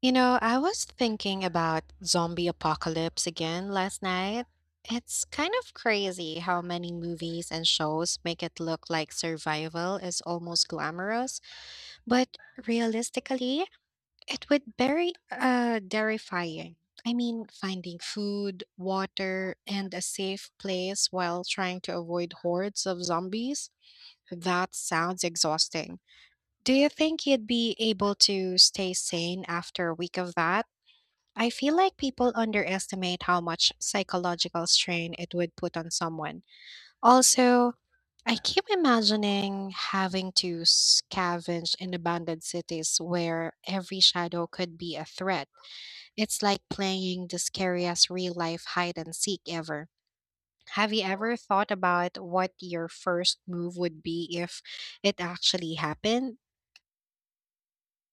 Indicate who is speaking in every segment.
Speaker 1: You know, I was thinking about zombie apocalypse again last night. It's kind of crazy how many movies and shows make it look like survival is almost glamorous, but realistically, it would very terrifying. I mean, finding food, water, and a safe place while trying to avoid hordes of zombies, that sounds exhausting. Do you think you'd be able to stay sane after a week of that? I feel like people underestimate how much psychological strain it would put on someone. Also, I keep imagining having to scavenge in abandoned cities where every shadow could be a threat. It's like playing the scariest real life hide and seek ever. Have you ever thought about what your first move would be if it actually happened?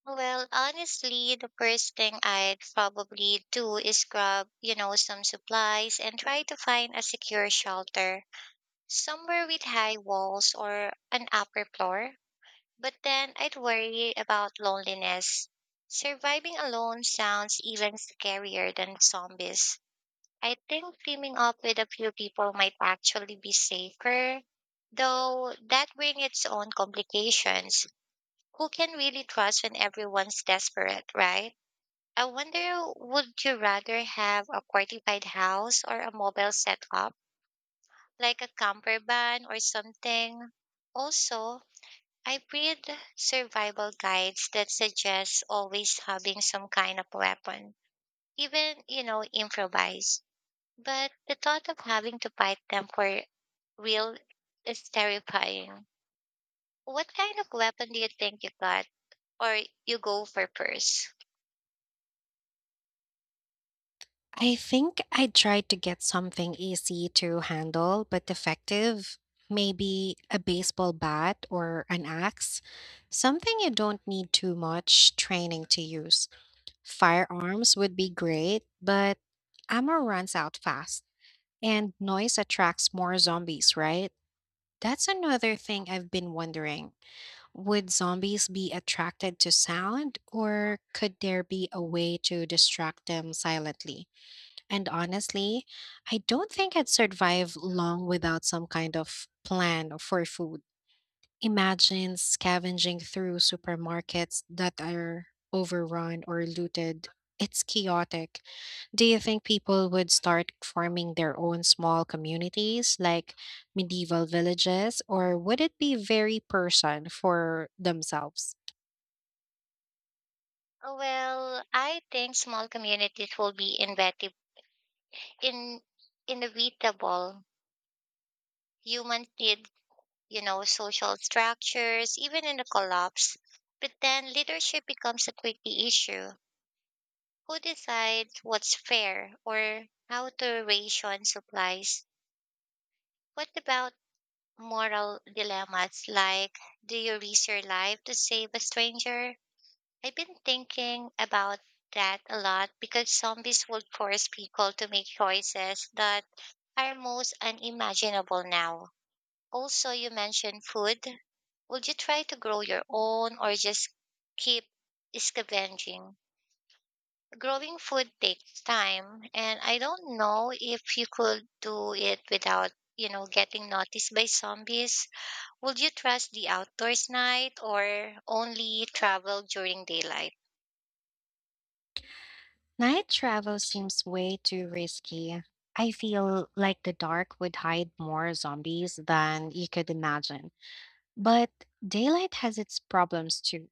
Speaker 2: Well, honestly, the first thing I'd probably do is grab, some supplies and try to find a secure shelter somewhere with high walls or an upper floor. But then I'd worry about loneliness. Surviving alone sounds even scarier than zombies. I think teaming up with a few people might actually be safer, though that brings its own complications. Who can really trust when everyone's desperate, right? I wonder, would you rather have a fortified house or a mobile setup, like a camper van or something? Also, I read survival guides that suggest always having some kind of weapon, even, improvise. But the thought of having to fight them for real is terrifying. What kind of weapon do you think you got or you go for first?
Speaker 1: I think I tried to get something easy to handle but effective. Maybe a baseball bat or an axe. Something you don't need too much training to use. Firearms would be great, but ammo runs out fast. And noise attracts more zombies, right? That's another thing I've been wondering. Would zombies be attracted to sound, or could there be a way to distract them silently? And honestly, I don't think I'd survive long without some kind of plan for food. Imagine scavenging through supermarkets that are overrun or looted. It's chaotic. Do you think people would start forming their own small communities like medieval villages, or would it be very person for themselves?
Speaker 2: Well, I think small communities will be in, inevitable. Humans need, social structures, even in a collapse. But then leadership becomes a tricky issue. Who decides what's fair or how to ration supplies? What about moral dilemmas, like, do you risk your life to save a stranger? I've been thinking about that a lot because zombies would force people to make choices that are most unimaginable now. Also, you mentioned food. Would you try to grow your own or just keep scavenging? Growing food takes time, and I don't know if you could do it without, getting noticed by zombies. Would you trust the outdoors night or only travel during daylight?
Speaker 1: Night travel seems way too risky. I feel like the dark would hide more zombies than you could imagine. But daylight has its problems too.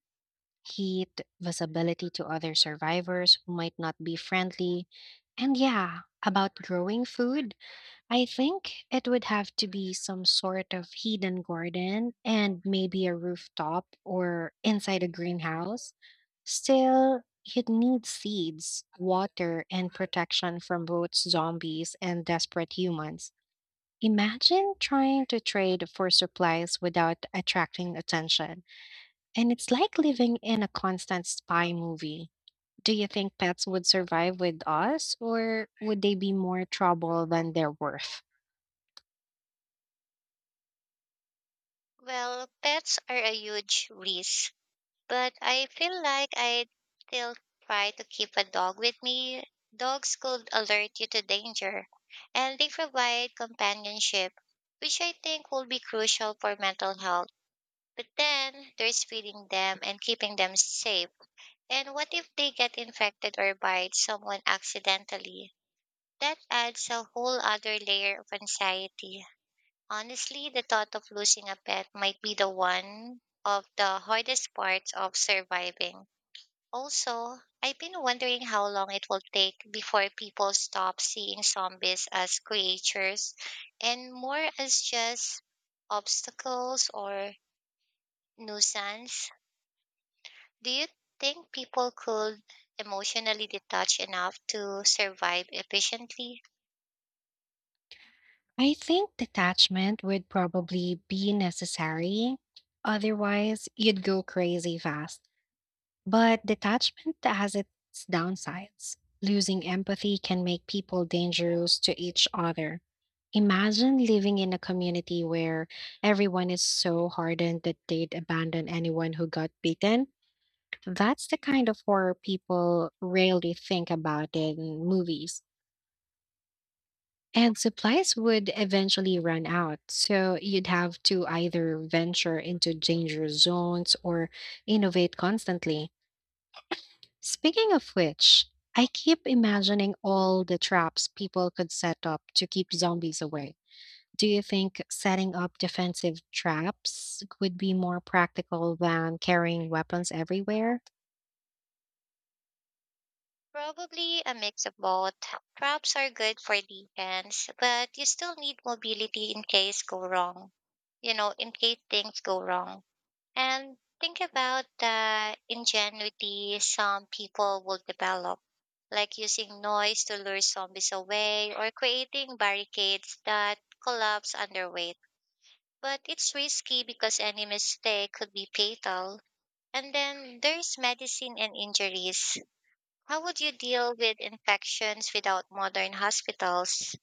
Speaker 1: Heat, visibility to other survivors who might not be friendly, and yeah, about growing food. I think it would have to be some sort of hidden garden and maybe a rooftop or inside a greenhouse. Still, you'd need seeds, water, and protection from both zombies and desperate humans. Imagine trying to trade for supplies without attracting attention. And it's like living in a constant spy movie. Do you think pets would survive with us, or would they be more trouble than they're worth?
Speaker 2: Well, pets are a huge risk, but I feel like I'd still try to keep a dog with me. Dogs could alert you to danger, and they provide companionship, which I think will be crucial for mental health. But then there's feeding them and keeping them safe. And what if they get infected or bite someone accidentally? That adds a whole other layer of anxiety. Honestly, the thought of losing a pet might be the one of the hardest parts of surviving. Also, I've been wondering how long it will take before people stop seeing zombies as creatures and more as just obstacles or nuisance. Do you think people could emotionally detach enough to survive efficiently?
Speaker 1: I think detachment would probably be necessary. Otherwise, you'd go crazy fast. But detachment has its downsides. Losing empathy can make people dangerous to each other. Imagine living in a community where everyone is so hardened that they'd abandon anyone who got beaten. That's the kind of horror people rarely think about in movies. And supplies would eventually run out, so you'd have to either venture into dangerous zones or innovate constantly. Speaking of which, I keep imagining all the traps people could set up to keep zombies away. Do you think setting up defensive traps would be more practical than carrying weapons everywhere?
Speaker 2: Probably a mix of both. Props are good for defense, but you still need mobility in case go wrong. In case things go wrong. And think about the ingenuity some people will develop, like using noise to lure zombies away or creating barricades that collapse under weight. But it's risky because any mistake could be fatal. And then there's medicine and injuries. How would you deal with infections without modern hospitals?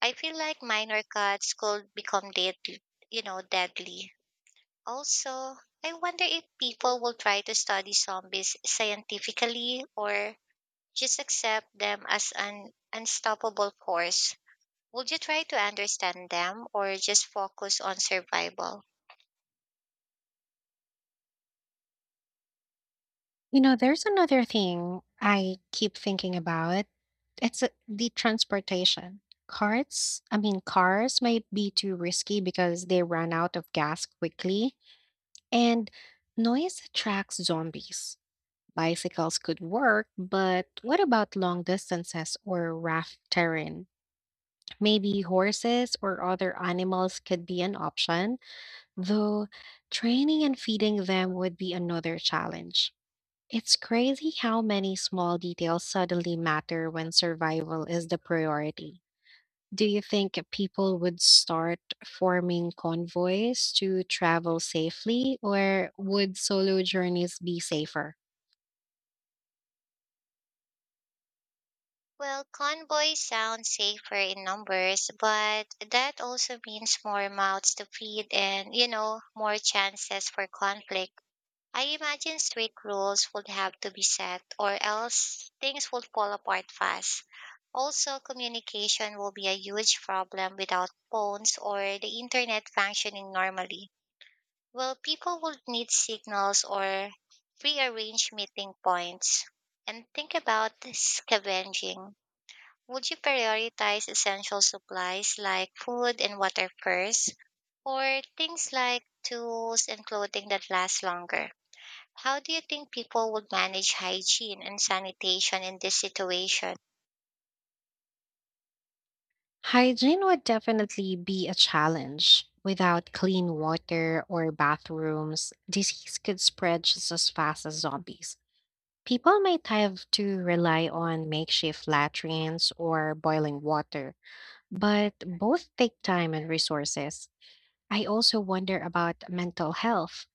Speaker 2: I feel like minor cuts could become deadly. Also, I wonder if people will try to study zombies scientifically or just accept them as an unstoppable force. Would you try to understand them or just focus on survival?
Speaker 1: You know, there's another thing I keep thinking about. The transportation. Cars might be too risky because they run out of gas quickly, and noise attracts zombies. Bicycles could work, but what about long distances or rough terrain? Maybe horses or other animals could be an option, though training and feeding them would be another challenge. It's crazy how many small details suddenly matter when survival is the priority. Do you think people would start forming convoys to travel safely, or would solo journeys be safer?
Speaker 2: Well, convoys sound safer in numbers, but that also means more mouths to feed and, more chances for conflict. I imagine strict rules would have to be set, or else things would fall apart fast. Also, communication will be a huge problem without phones or the internet functioning normally. Well, people would need signals or prearranged meeting points. And think about scavenging. Would you prioritize essential supplies like food and water first, or things like tools and clothing that last longer? How do you think people would manage hygiene and sanitation in this situation?
Speaker 1: Hygiene would definitely be a challenge. Without clean water or bathrooms, disease could spread just as fast as zombies. People might have to rely on makeshift latrines or boiling water, but both take time and resources. I also wonder about mental health.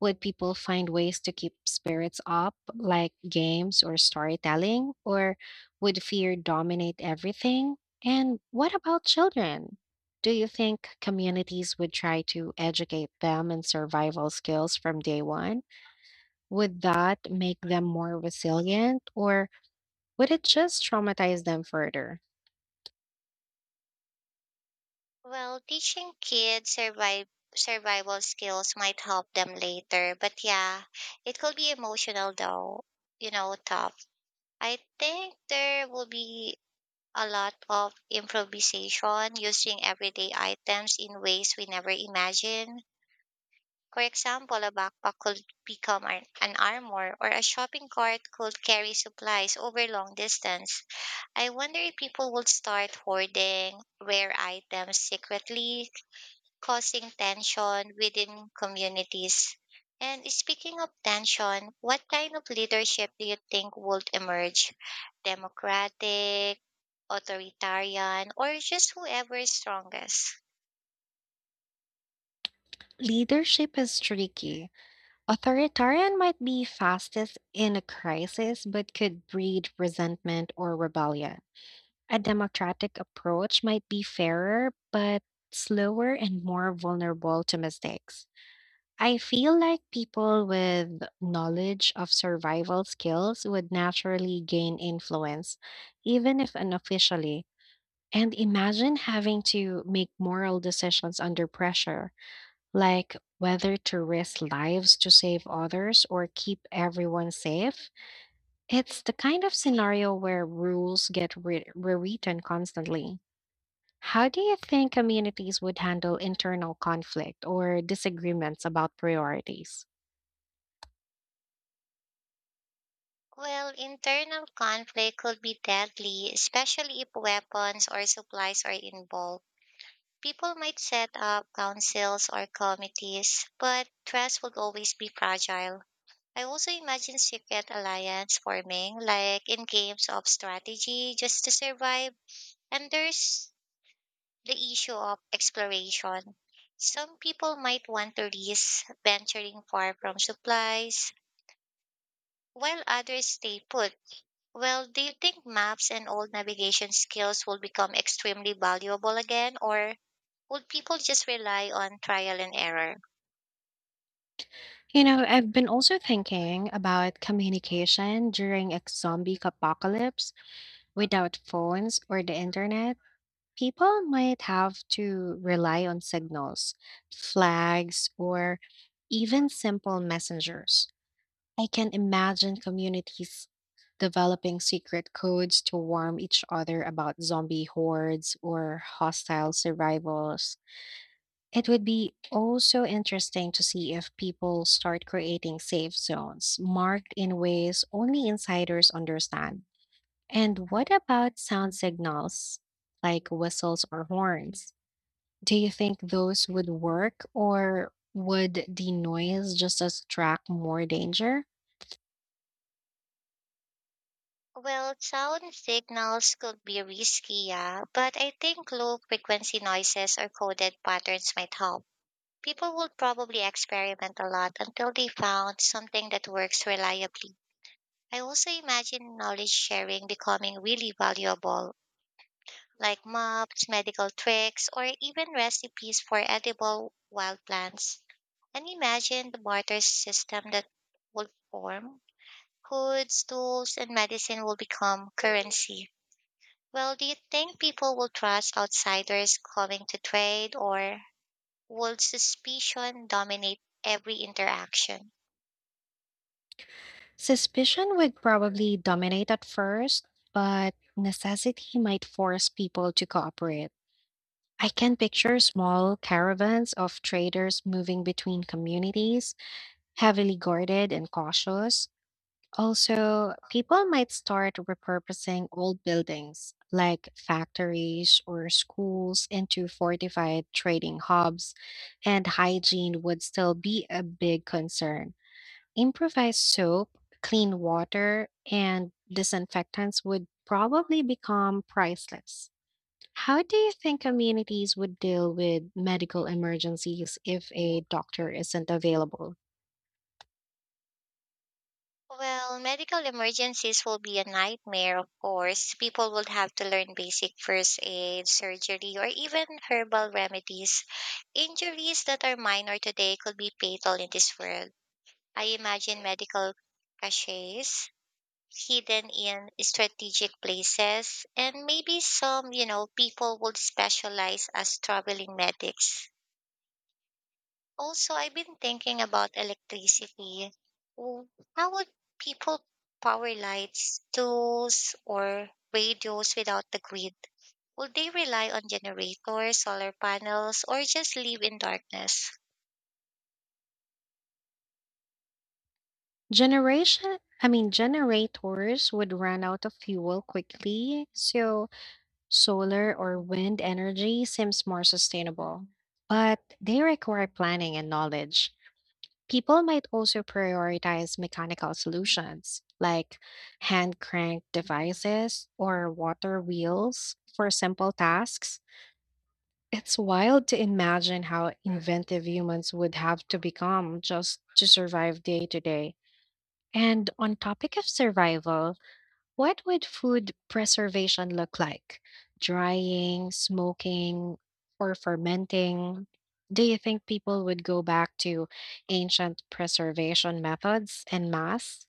Speaker 1: Would people find ways to keep spirits up, like games or storytelling, or would fear dominate everything? And what about children? Do you think communities would try to educate them in survival skills from day one? Would that make them more resilient, or would it just traumatize them further?
Speaker 2: Well, teaching kids survive survival skills might help them later, but yeah, it could be emotional though, tough. I think there will be a lot of improvisation using everyday items in ways we never imagined. For example, a backpack could become an armor, or a shopping cart could carry supplies over long distance. I wonder if people would start hoarding rare items secretly, causing tension within communities. And speaking of tension, what kind of leadership do you think would emerge? Democratic, authoritarian, or just whoever is strongest.
Speaker 1: Leadership is tricky. Authoritarian might be fastest in a crisis, but could breed resentment or rebellion. A democratic approach might be fairer, but slower and more vulnerable to mistakes. I feel like people with knowledge of survival skills would naturally gain influence, even if unofficially. And imagine having to make moral decisions under pressure like whether to risk lives to save others or keep everyone safe. It's the kind of scenario where rules get rewritten constantly. How do you think communities would handle internal conflict or disagreements about priorities?
Speaker 2: Well, internal conflict could be deadly, especially if weapons or supplies are involved. People might set up councils or committees, but trust would always be fragile. I also imagine secret alliance forming, like in games of strategy, just to survive. And there's the issue of exploration. Some people might want to risk venturing far from supplies, while others stay put. Well, do you think maps and old navigation skills will become extremely valuable again, or would people just rely on trial and error?
Speaker 1: You know, I've been also thinking about communication during a zombie apocalypse without phones or the internet. People might have to rely on signals, flags, or even simple messengers. I can imagine communities developing secret codes to warn each other about zombie hordes or hostile survivals. It would be also interesting to see if people start creating safe zones marked in ways only insiders understand. And what about sound signals like whistles or horns? Do you think those would work, or would the noise just attract more danger?
Speaker 2: Well, sound signals could be risky, yeah, but I think low frequency noises or coded patterns might help. People will probably experiment a lot until they found something that works reliably. I also imagine knowledge sharing becoming really valuable, like maps, medical tricks, or even recipes for edible wild plants. And imagine the barter system that would form. Foods, tools, and medicine will become currency. Well, do you think people will trust outsiders coming to trade, or will suspicion dominate every interaction?
Speaker 1: Suspicion would probably dominate at first, but necessity might force people to cooperate. I can picture small caravans of traders moving between communities, heavily guarded and cautious. Also, people might start repurposing old buildings like factories or schools into fortified trading hubs, and hygiene would still be a big concern. Improvised soap, clean water, and disinfectants would probably become priceless. How do you think communities would deal with medical emergencies if a doctor isn't available?
Speaker 2: Well, medical emergencies will be a nightmare, of course. People will have to learn basic first aid, surgery, or even herbal remedies. Injuries that are minor today could be fatal in this world. I imagine medical caches hidden in strategic places, and maybe some, people would specialize as traveling medics. Also, I've been thinking about electricity. W- How would people power lights, tools, or radios without the grid? Would they rely on generators, solar panels, or just live in darkness?
Speaker 1: Generators would run out of fuel quickly, so solar or wind energy seems more sustainable. But they require planning and knowledge. People might also prioritize mechanical solutions like hand crank devices or water wheels for simple tasks. It's wild to imagine how inventive humans would have to become just to survive day to day. And on topic of survival, what would food preservation look like? Drying, smoking, or fermenting? Do you think people would go back to ancient preservation methods en masse?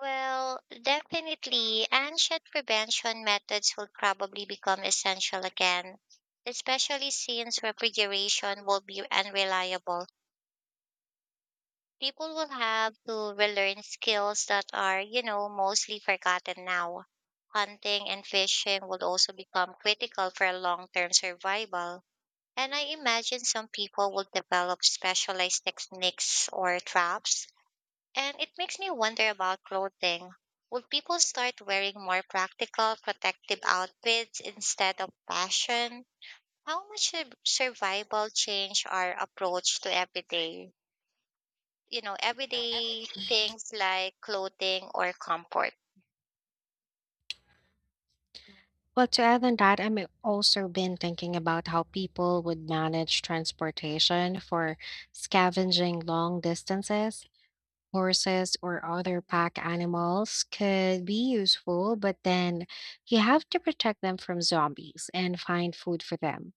Speaker 2: Well, definitely, ancient prevention methods will probably become essential again, especially since refrigeration will be unreliable. People will have to relearn skills that are, mostly forgotten now. Hunting and fishing would also become critical for long term survival. And I imagine some people will develop specialized techniques or traps. And it makes me wonder about clothing. Would people start wearing more practical, protective outfits instead of fashion? How much should survival change our approach to everyday things like clothing or comfort?
Speaker 1: Well, to add on that, I've also been thinking about how people would manage transportation for scavenging long distances. Horses or other pack animals could be useful, but then you have to protect them from zombies and find food for them.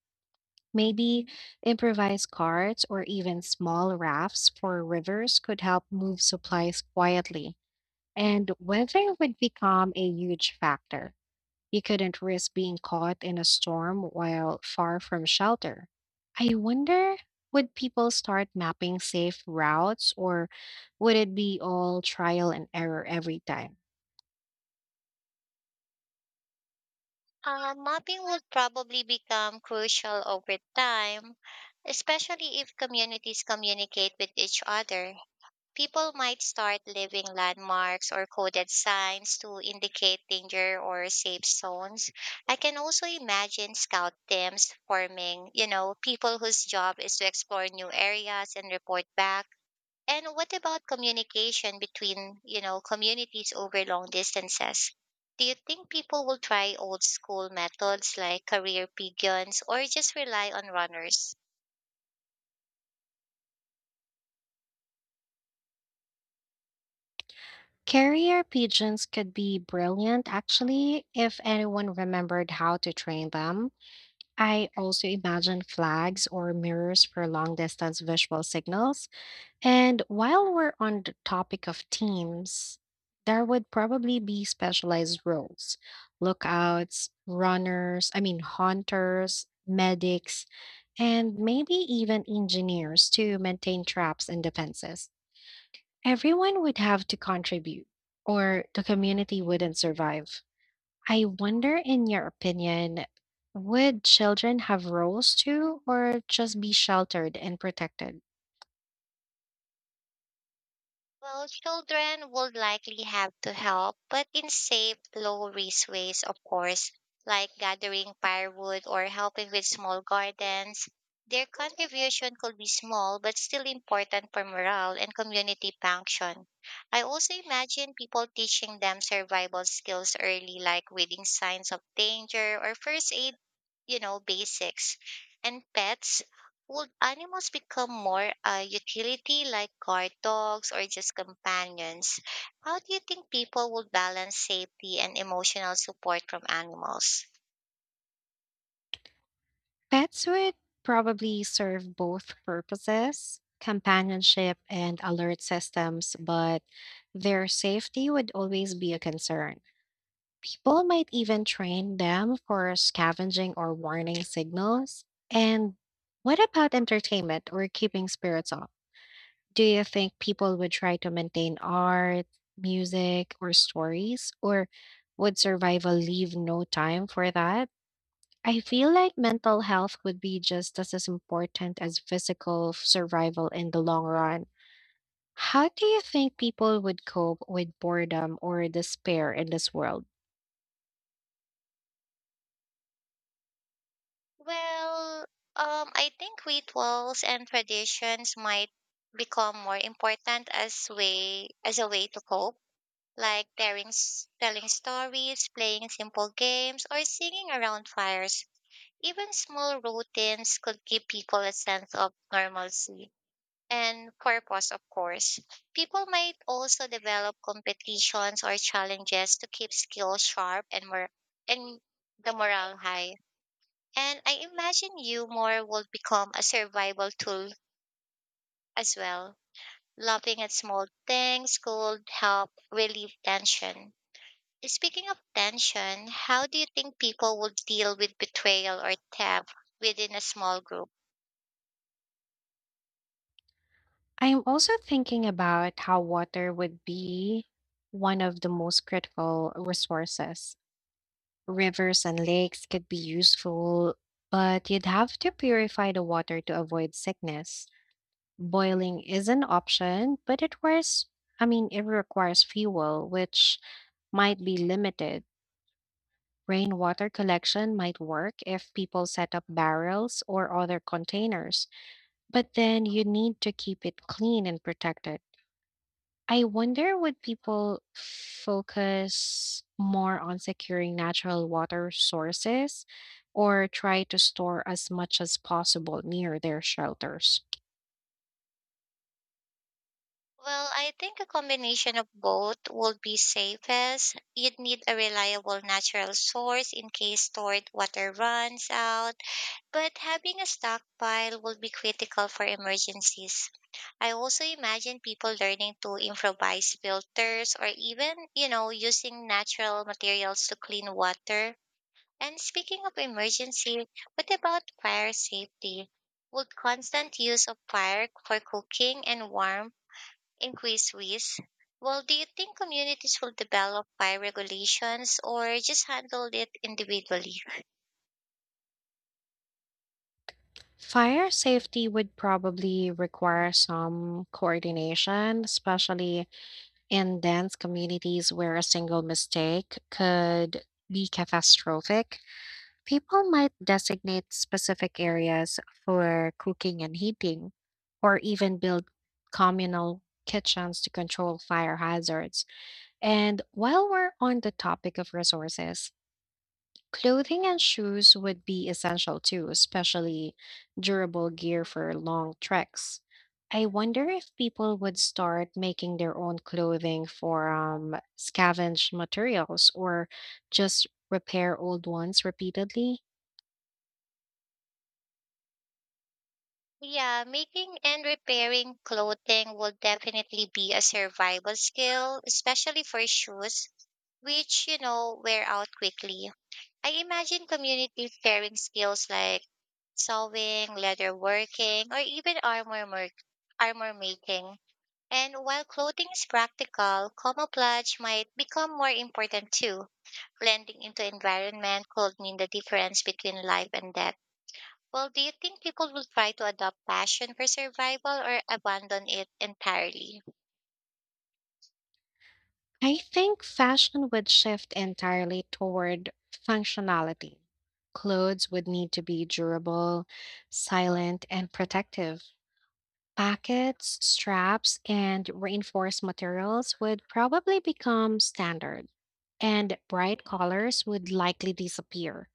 Speaker 1: Maybe improvised carts or even small rafts for rivers could help move supplies quietly. And weather would become a huge factor. He couldn't risk being caught in a storm while far from shelter. I wonder, would people start mapping safe routes, or would it be all trial and error every time?
Speaker 2: Mopping will probably become crucial over time, especially if communities communicate with each other. People might start leaving landmarks or coded signs to indicate danger or safe zones. I can also imagine scout teams forming, people whose job is to explore new areas and report back. And what about communication between, communities over long distances? Do you think people will try old school methods like career pigeons or just rely on runners?
Speaker 1: Carrier pigeons could be brilliant, actually, if anyone remembered how to train them. I also imagine flags or mirrors for long distance visual signals. And while we're on the topic of teams, there would probably be specialized roles: lookouts, runners, hunters, medics, and maybe even engineers to maintain traps and defenses. Everyone would have to contribute, or the community wouldn't survive. I wonder, in your opinion, would children have roles too, or just be sheltered and protected?
Speaker 2: Well, children would likely have to help, but in safe, low risk ways, of course, like gathering firewood or helping with small gardens. Their contribution could be small, but still important for morale and community function. I also imagine people teaching them survival skills early, like reading signs of danger or first aid basics. And pets, would animals become more utility like guard dogs or just companions? How do you think people would balance safety and emotional support from animals?
Speaker 1: Pets would probably serve both purposes, companionship and alert systems, but their safety would always be a concern. People might even train them for scavenging or warning signals. And what about entertainment or keeping spirits up? Do you think people would try to maintain art, music, or stories, or would survival leave no time for that? I feel like mental health would be just as important as survival in the long run. How do you think people would cope with boredom or despair in this world?
Speaker 2: Well, I think rituals and traditions might become more important as way as a way to cope, like telling stories, playing simple games, or singing around fires. Even small routines could give people a sense of normalcy and purpose, of course. People might also develop competitions or challenges to keep skills sharp and the morale high. And I imagine humor more will become a survival tool as well. Laughing at small things could help relieve tension. Speaking of tension, how do you think people would deal with betrayal or theft within a small group?
Speaker 1: I am also thinking about how water would be one of the most critical resources. Rivers and lakes could be useful, but you'd have to purify the water to avoid sickness. Boiling is an option, but it requires fuel, which might be limited. Rainwater collection might work if people set up barrels or other containers, but then you need to keep it clean and protected. I wonder, would people focus more on securing natural water sources or try to store as much as possible near their shelters?
Speaker 2: Well, I think a combination of both would be safest. You'd need a reliable natural source in case stored water runs out, but having a stockpile will be critical for emergencies. I also imagine people learning to improvise filters or even, using natural materials to clean water. And speaking of emergency, what about fire safety? Would constant use of fire for cooking and warmth in Quiz whiz, well, do you think communities will develop by regulations or just handle it individually?
Speaker 1: Fire safety would probably require some coordination, especially in dense communities where a single mistake could be catastrophic. People might designate specific areas for cooking and heating, or even build communal kitchens to control fire hazards. And while we're on the topic of resources, clothing and shoes would be essential too, especially durable gear for long treks. I wonder if people would start making their own clothing from scavenged materials or just repair old ones repeatedly.
Speaker 2: Yeah, making and repairing clothing will definitely be a survival skill, especially for shoes, which, wear out quickly. I imagine community pairing skills like sewing, leather working, or even armor making. And while clothing is practical, camouflage might become more important too. Blending into environment could mean the difference between life and death. Well, do you think people will try to adopt passion for survival or abandon it entirely?
Speaker 1: I think fashion would shift entirely toward functionality. Clothes would need to be durable, silent, and protective. Pockets, straps, and reinforced materials would probably become standard, and bright colors would likely disappear.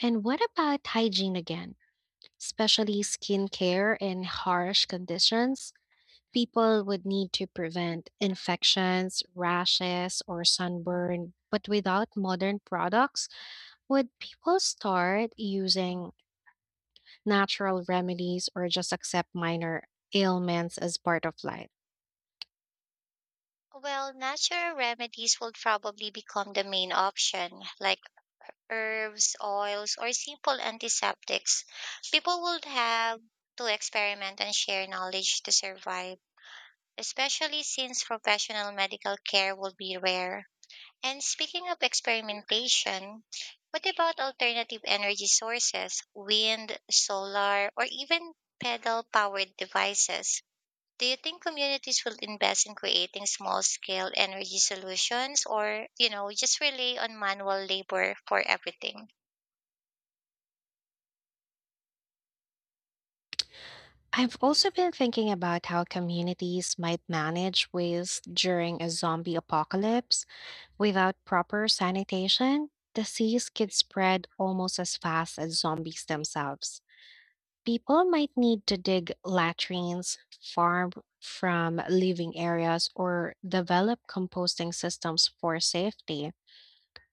Speaker 1: And what about hygiene again? Especially skincare in harsh conditions, people would need to prevent infections, rashes, or sunburn. But without modern products, would people start using natural remedies or just accept minor ailments as part of life?
Speaker 2: Well, natural remedies will probably become the main option, like herbs, oils, or simple antiseptics. People will have to experiment and share knowledge to survive, especially since professional medical care will be rare. And speaking of experimentation, what about alternative energy sources, wind, solar, or even pedal powered devices? Do you think communities will invest in creating small scale energy solutions or, just rely on manual labor for everything?
Speaker 1: I've also been thinking about how communities might manage waste during a zombie apocalypse. Without proper sanitation, disease could spread almost as fast as zombies themselves. People might need to dig latrines, farm from living areas, or develop composting systems for safety.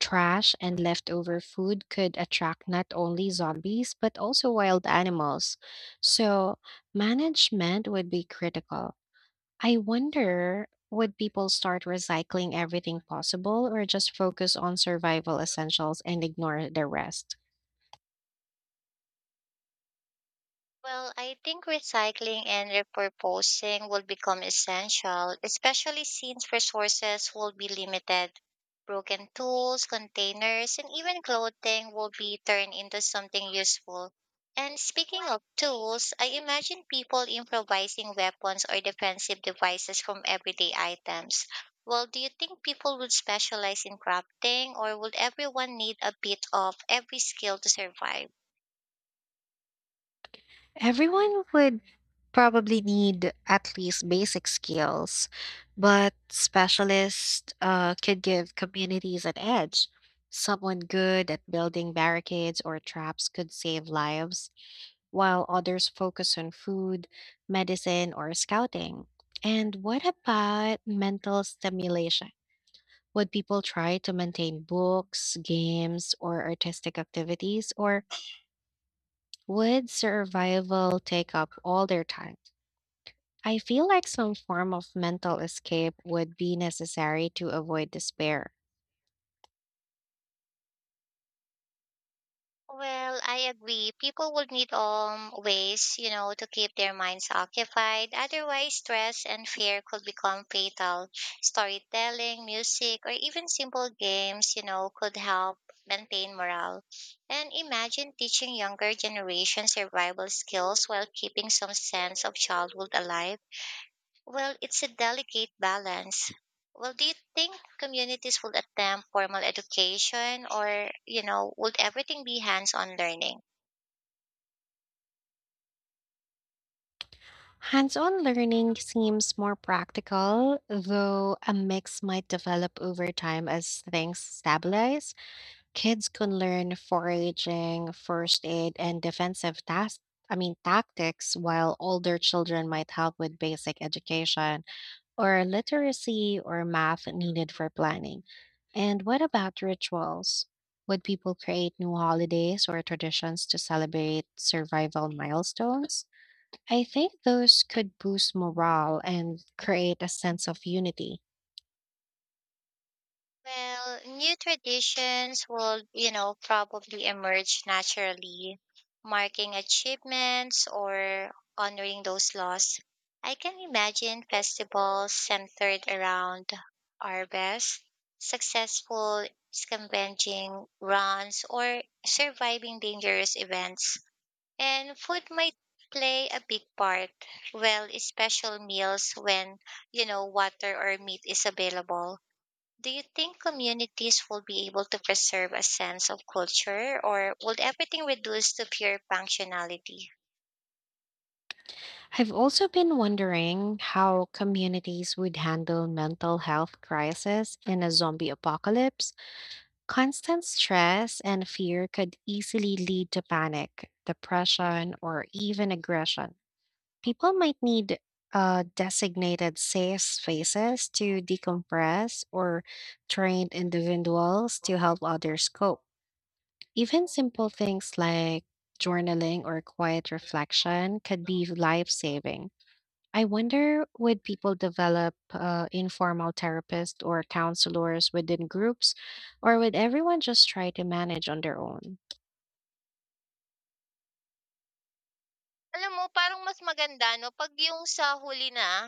Speaker 1: Trash and leftover food could attract not only zombies but also wild animals. So, management would be critical. I wonder, would people start recycling everything possible or just focus on survival essentials and ignore the rest?
Speaker 2: Well, I think recycling and repurposing will become essential, especially since resources will be limited. Broken tools, containers, and even clothing will be turned into something useful. And speaking of tools, I imagine people improvising weapons or defensive devices from everyday items. Well, do you think people would specialize in crafting, or would everyone need a bit of every skill to survive?
Speaker 1: Everyone would probably need at least basic skills, but specialists could give communities an edge. Someone good at building barricades or traps could save lives, while others focus on food, medicine, or scouting. And what about mental stimulation? Would people try to maintain books, games, or artistic activities, or would survival take up all their time? I feel like some form of mental escape would be necessary to avoid despair.
Speaker 2: Well, I agree. People would need ways, to keep their minds occupied. Otherwise, stress and fear could become fatal. Storytelling, music, or even simple games, could help maintain morale. And imagine teaching younger generations survival skills while keeping some sense of childhood alive. Well, it's a delicate balance. Well, do you think communities will attempt formal education, or, would everything be hands-on learning?
Speaker 1: Hands on learning seems more practical, though a mix might develop over time as things stabilize. Kids can learn foraging, first aid, and defensive tasks. I mean, tactics, while older children might help with basic education, or literacy or math needed for planning. And what about rituals? Would people create new holidays or traditions to celebrate survival milestones? I think those could boost morale and create a sense of unity.
Speaker 2: Well, new traditions will, probably emerge naturally, marking achievements or honoring those lost. I can imagine festivals centered around harvest, successful scavenging runs, or surviving dangerous events. And food might play a big part. Well, special meals when, water or meat is available. Do you think communities will be able to preserve a sense of culture, or will everything reduce to pure functionality?
Speaker 1: I've also been wondering how communities would handle mental health crisis in a zombie apocalypse. Constant stress and fear could easily lead to panic, depression, or even aggression. People might need designated safe spaces to decompress or trained individuals to help others cope. Even simple things like journaling or quiet reflection could be life saving. I wonder, would people develop informal therapists or counselors within groups, or would everyone just try to manage on their own?
Speaker 2: Alam mo, parang mas maganda, no? Pag yung sa huli na,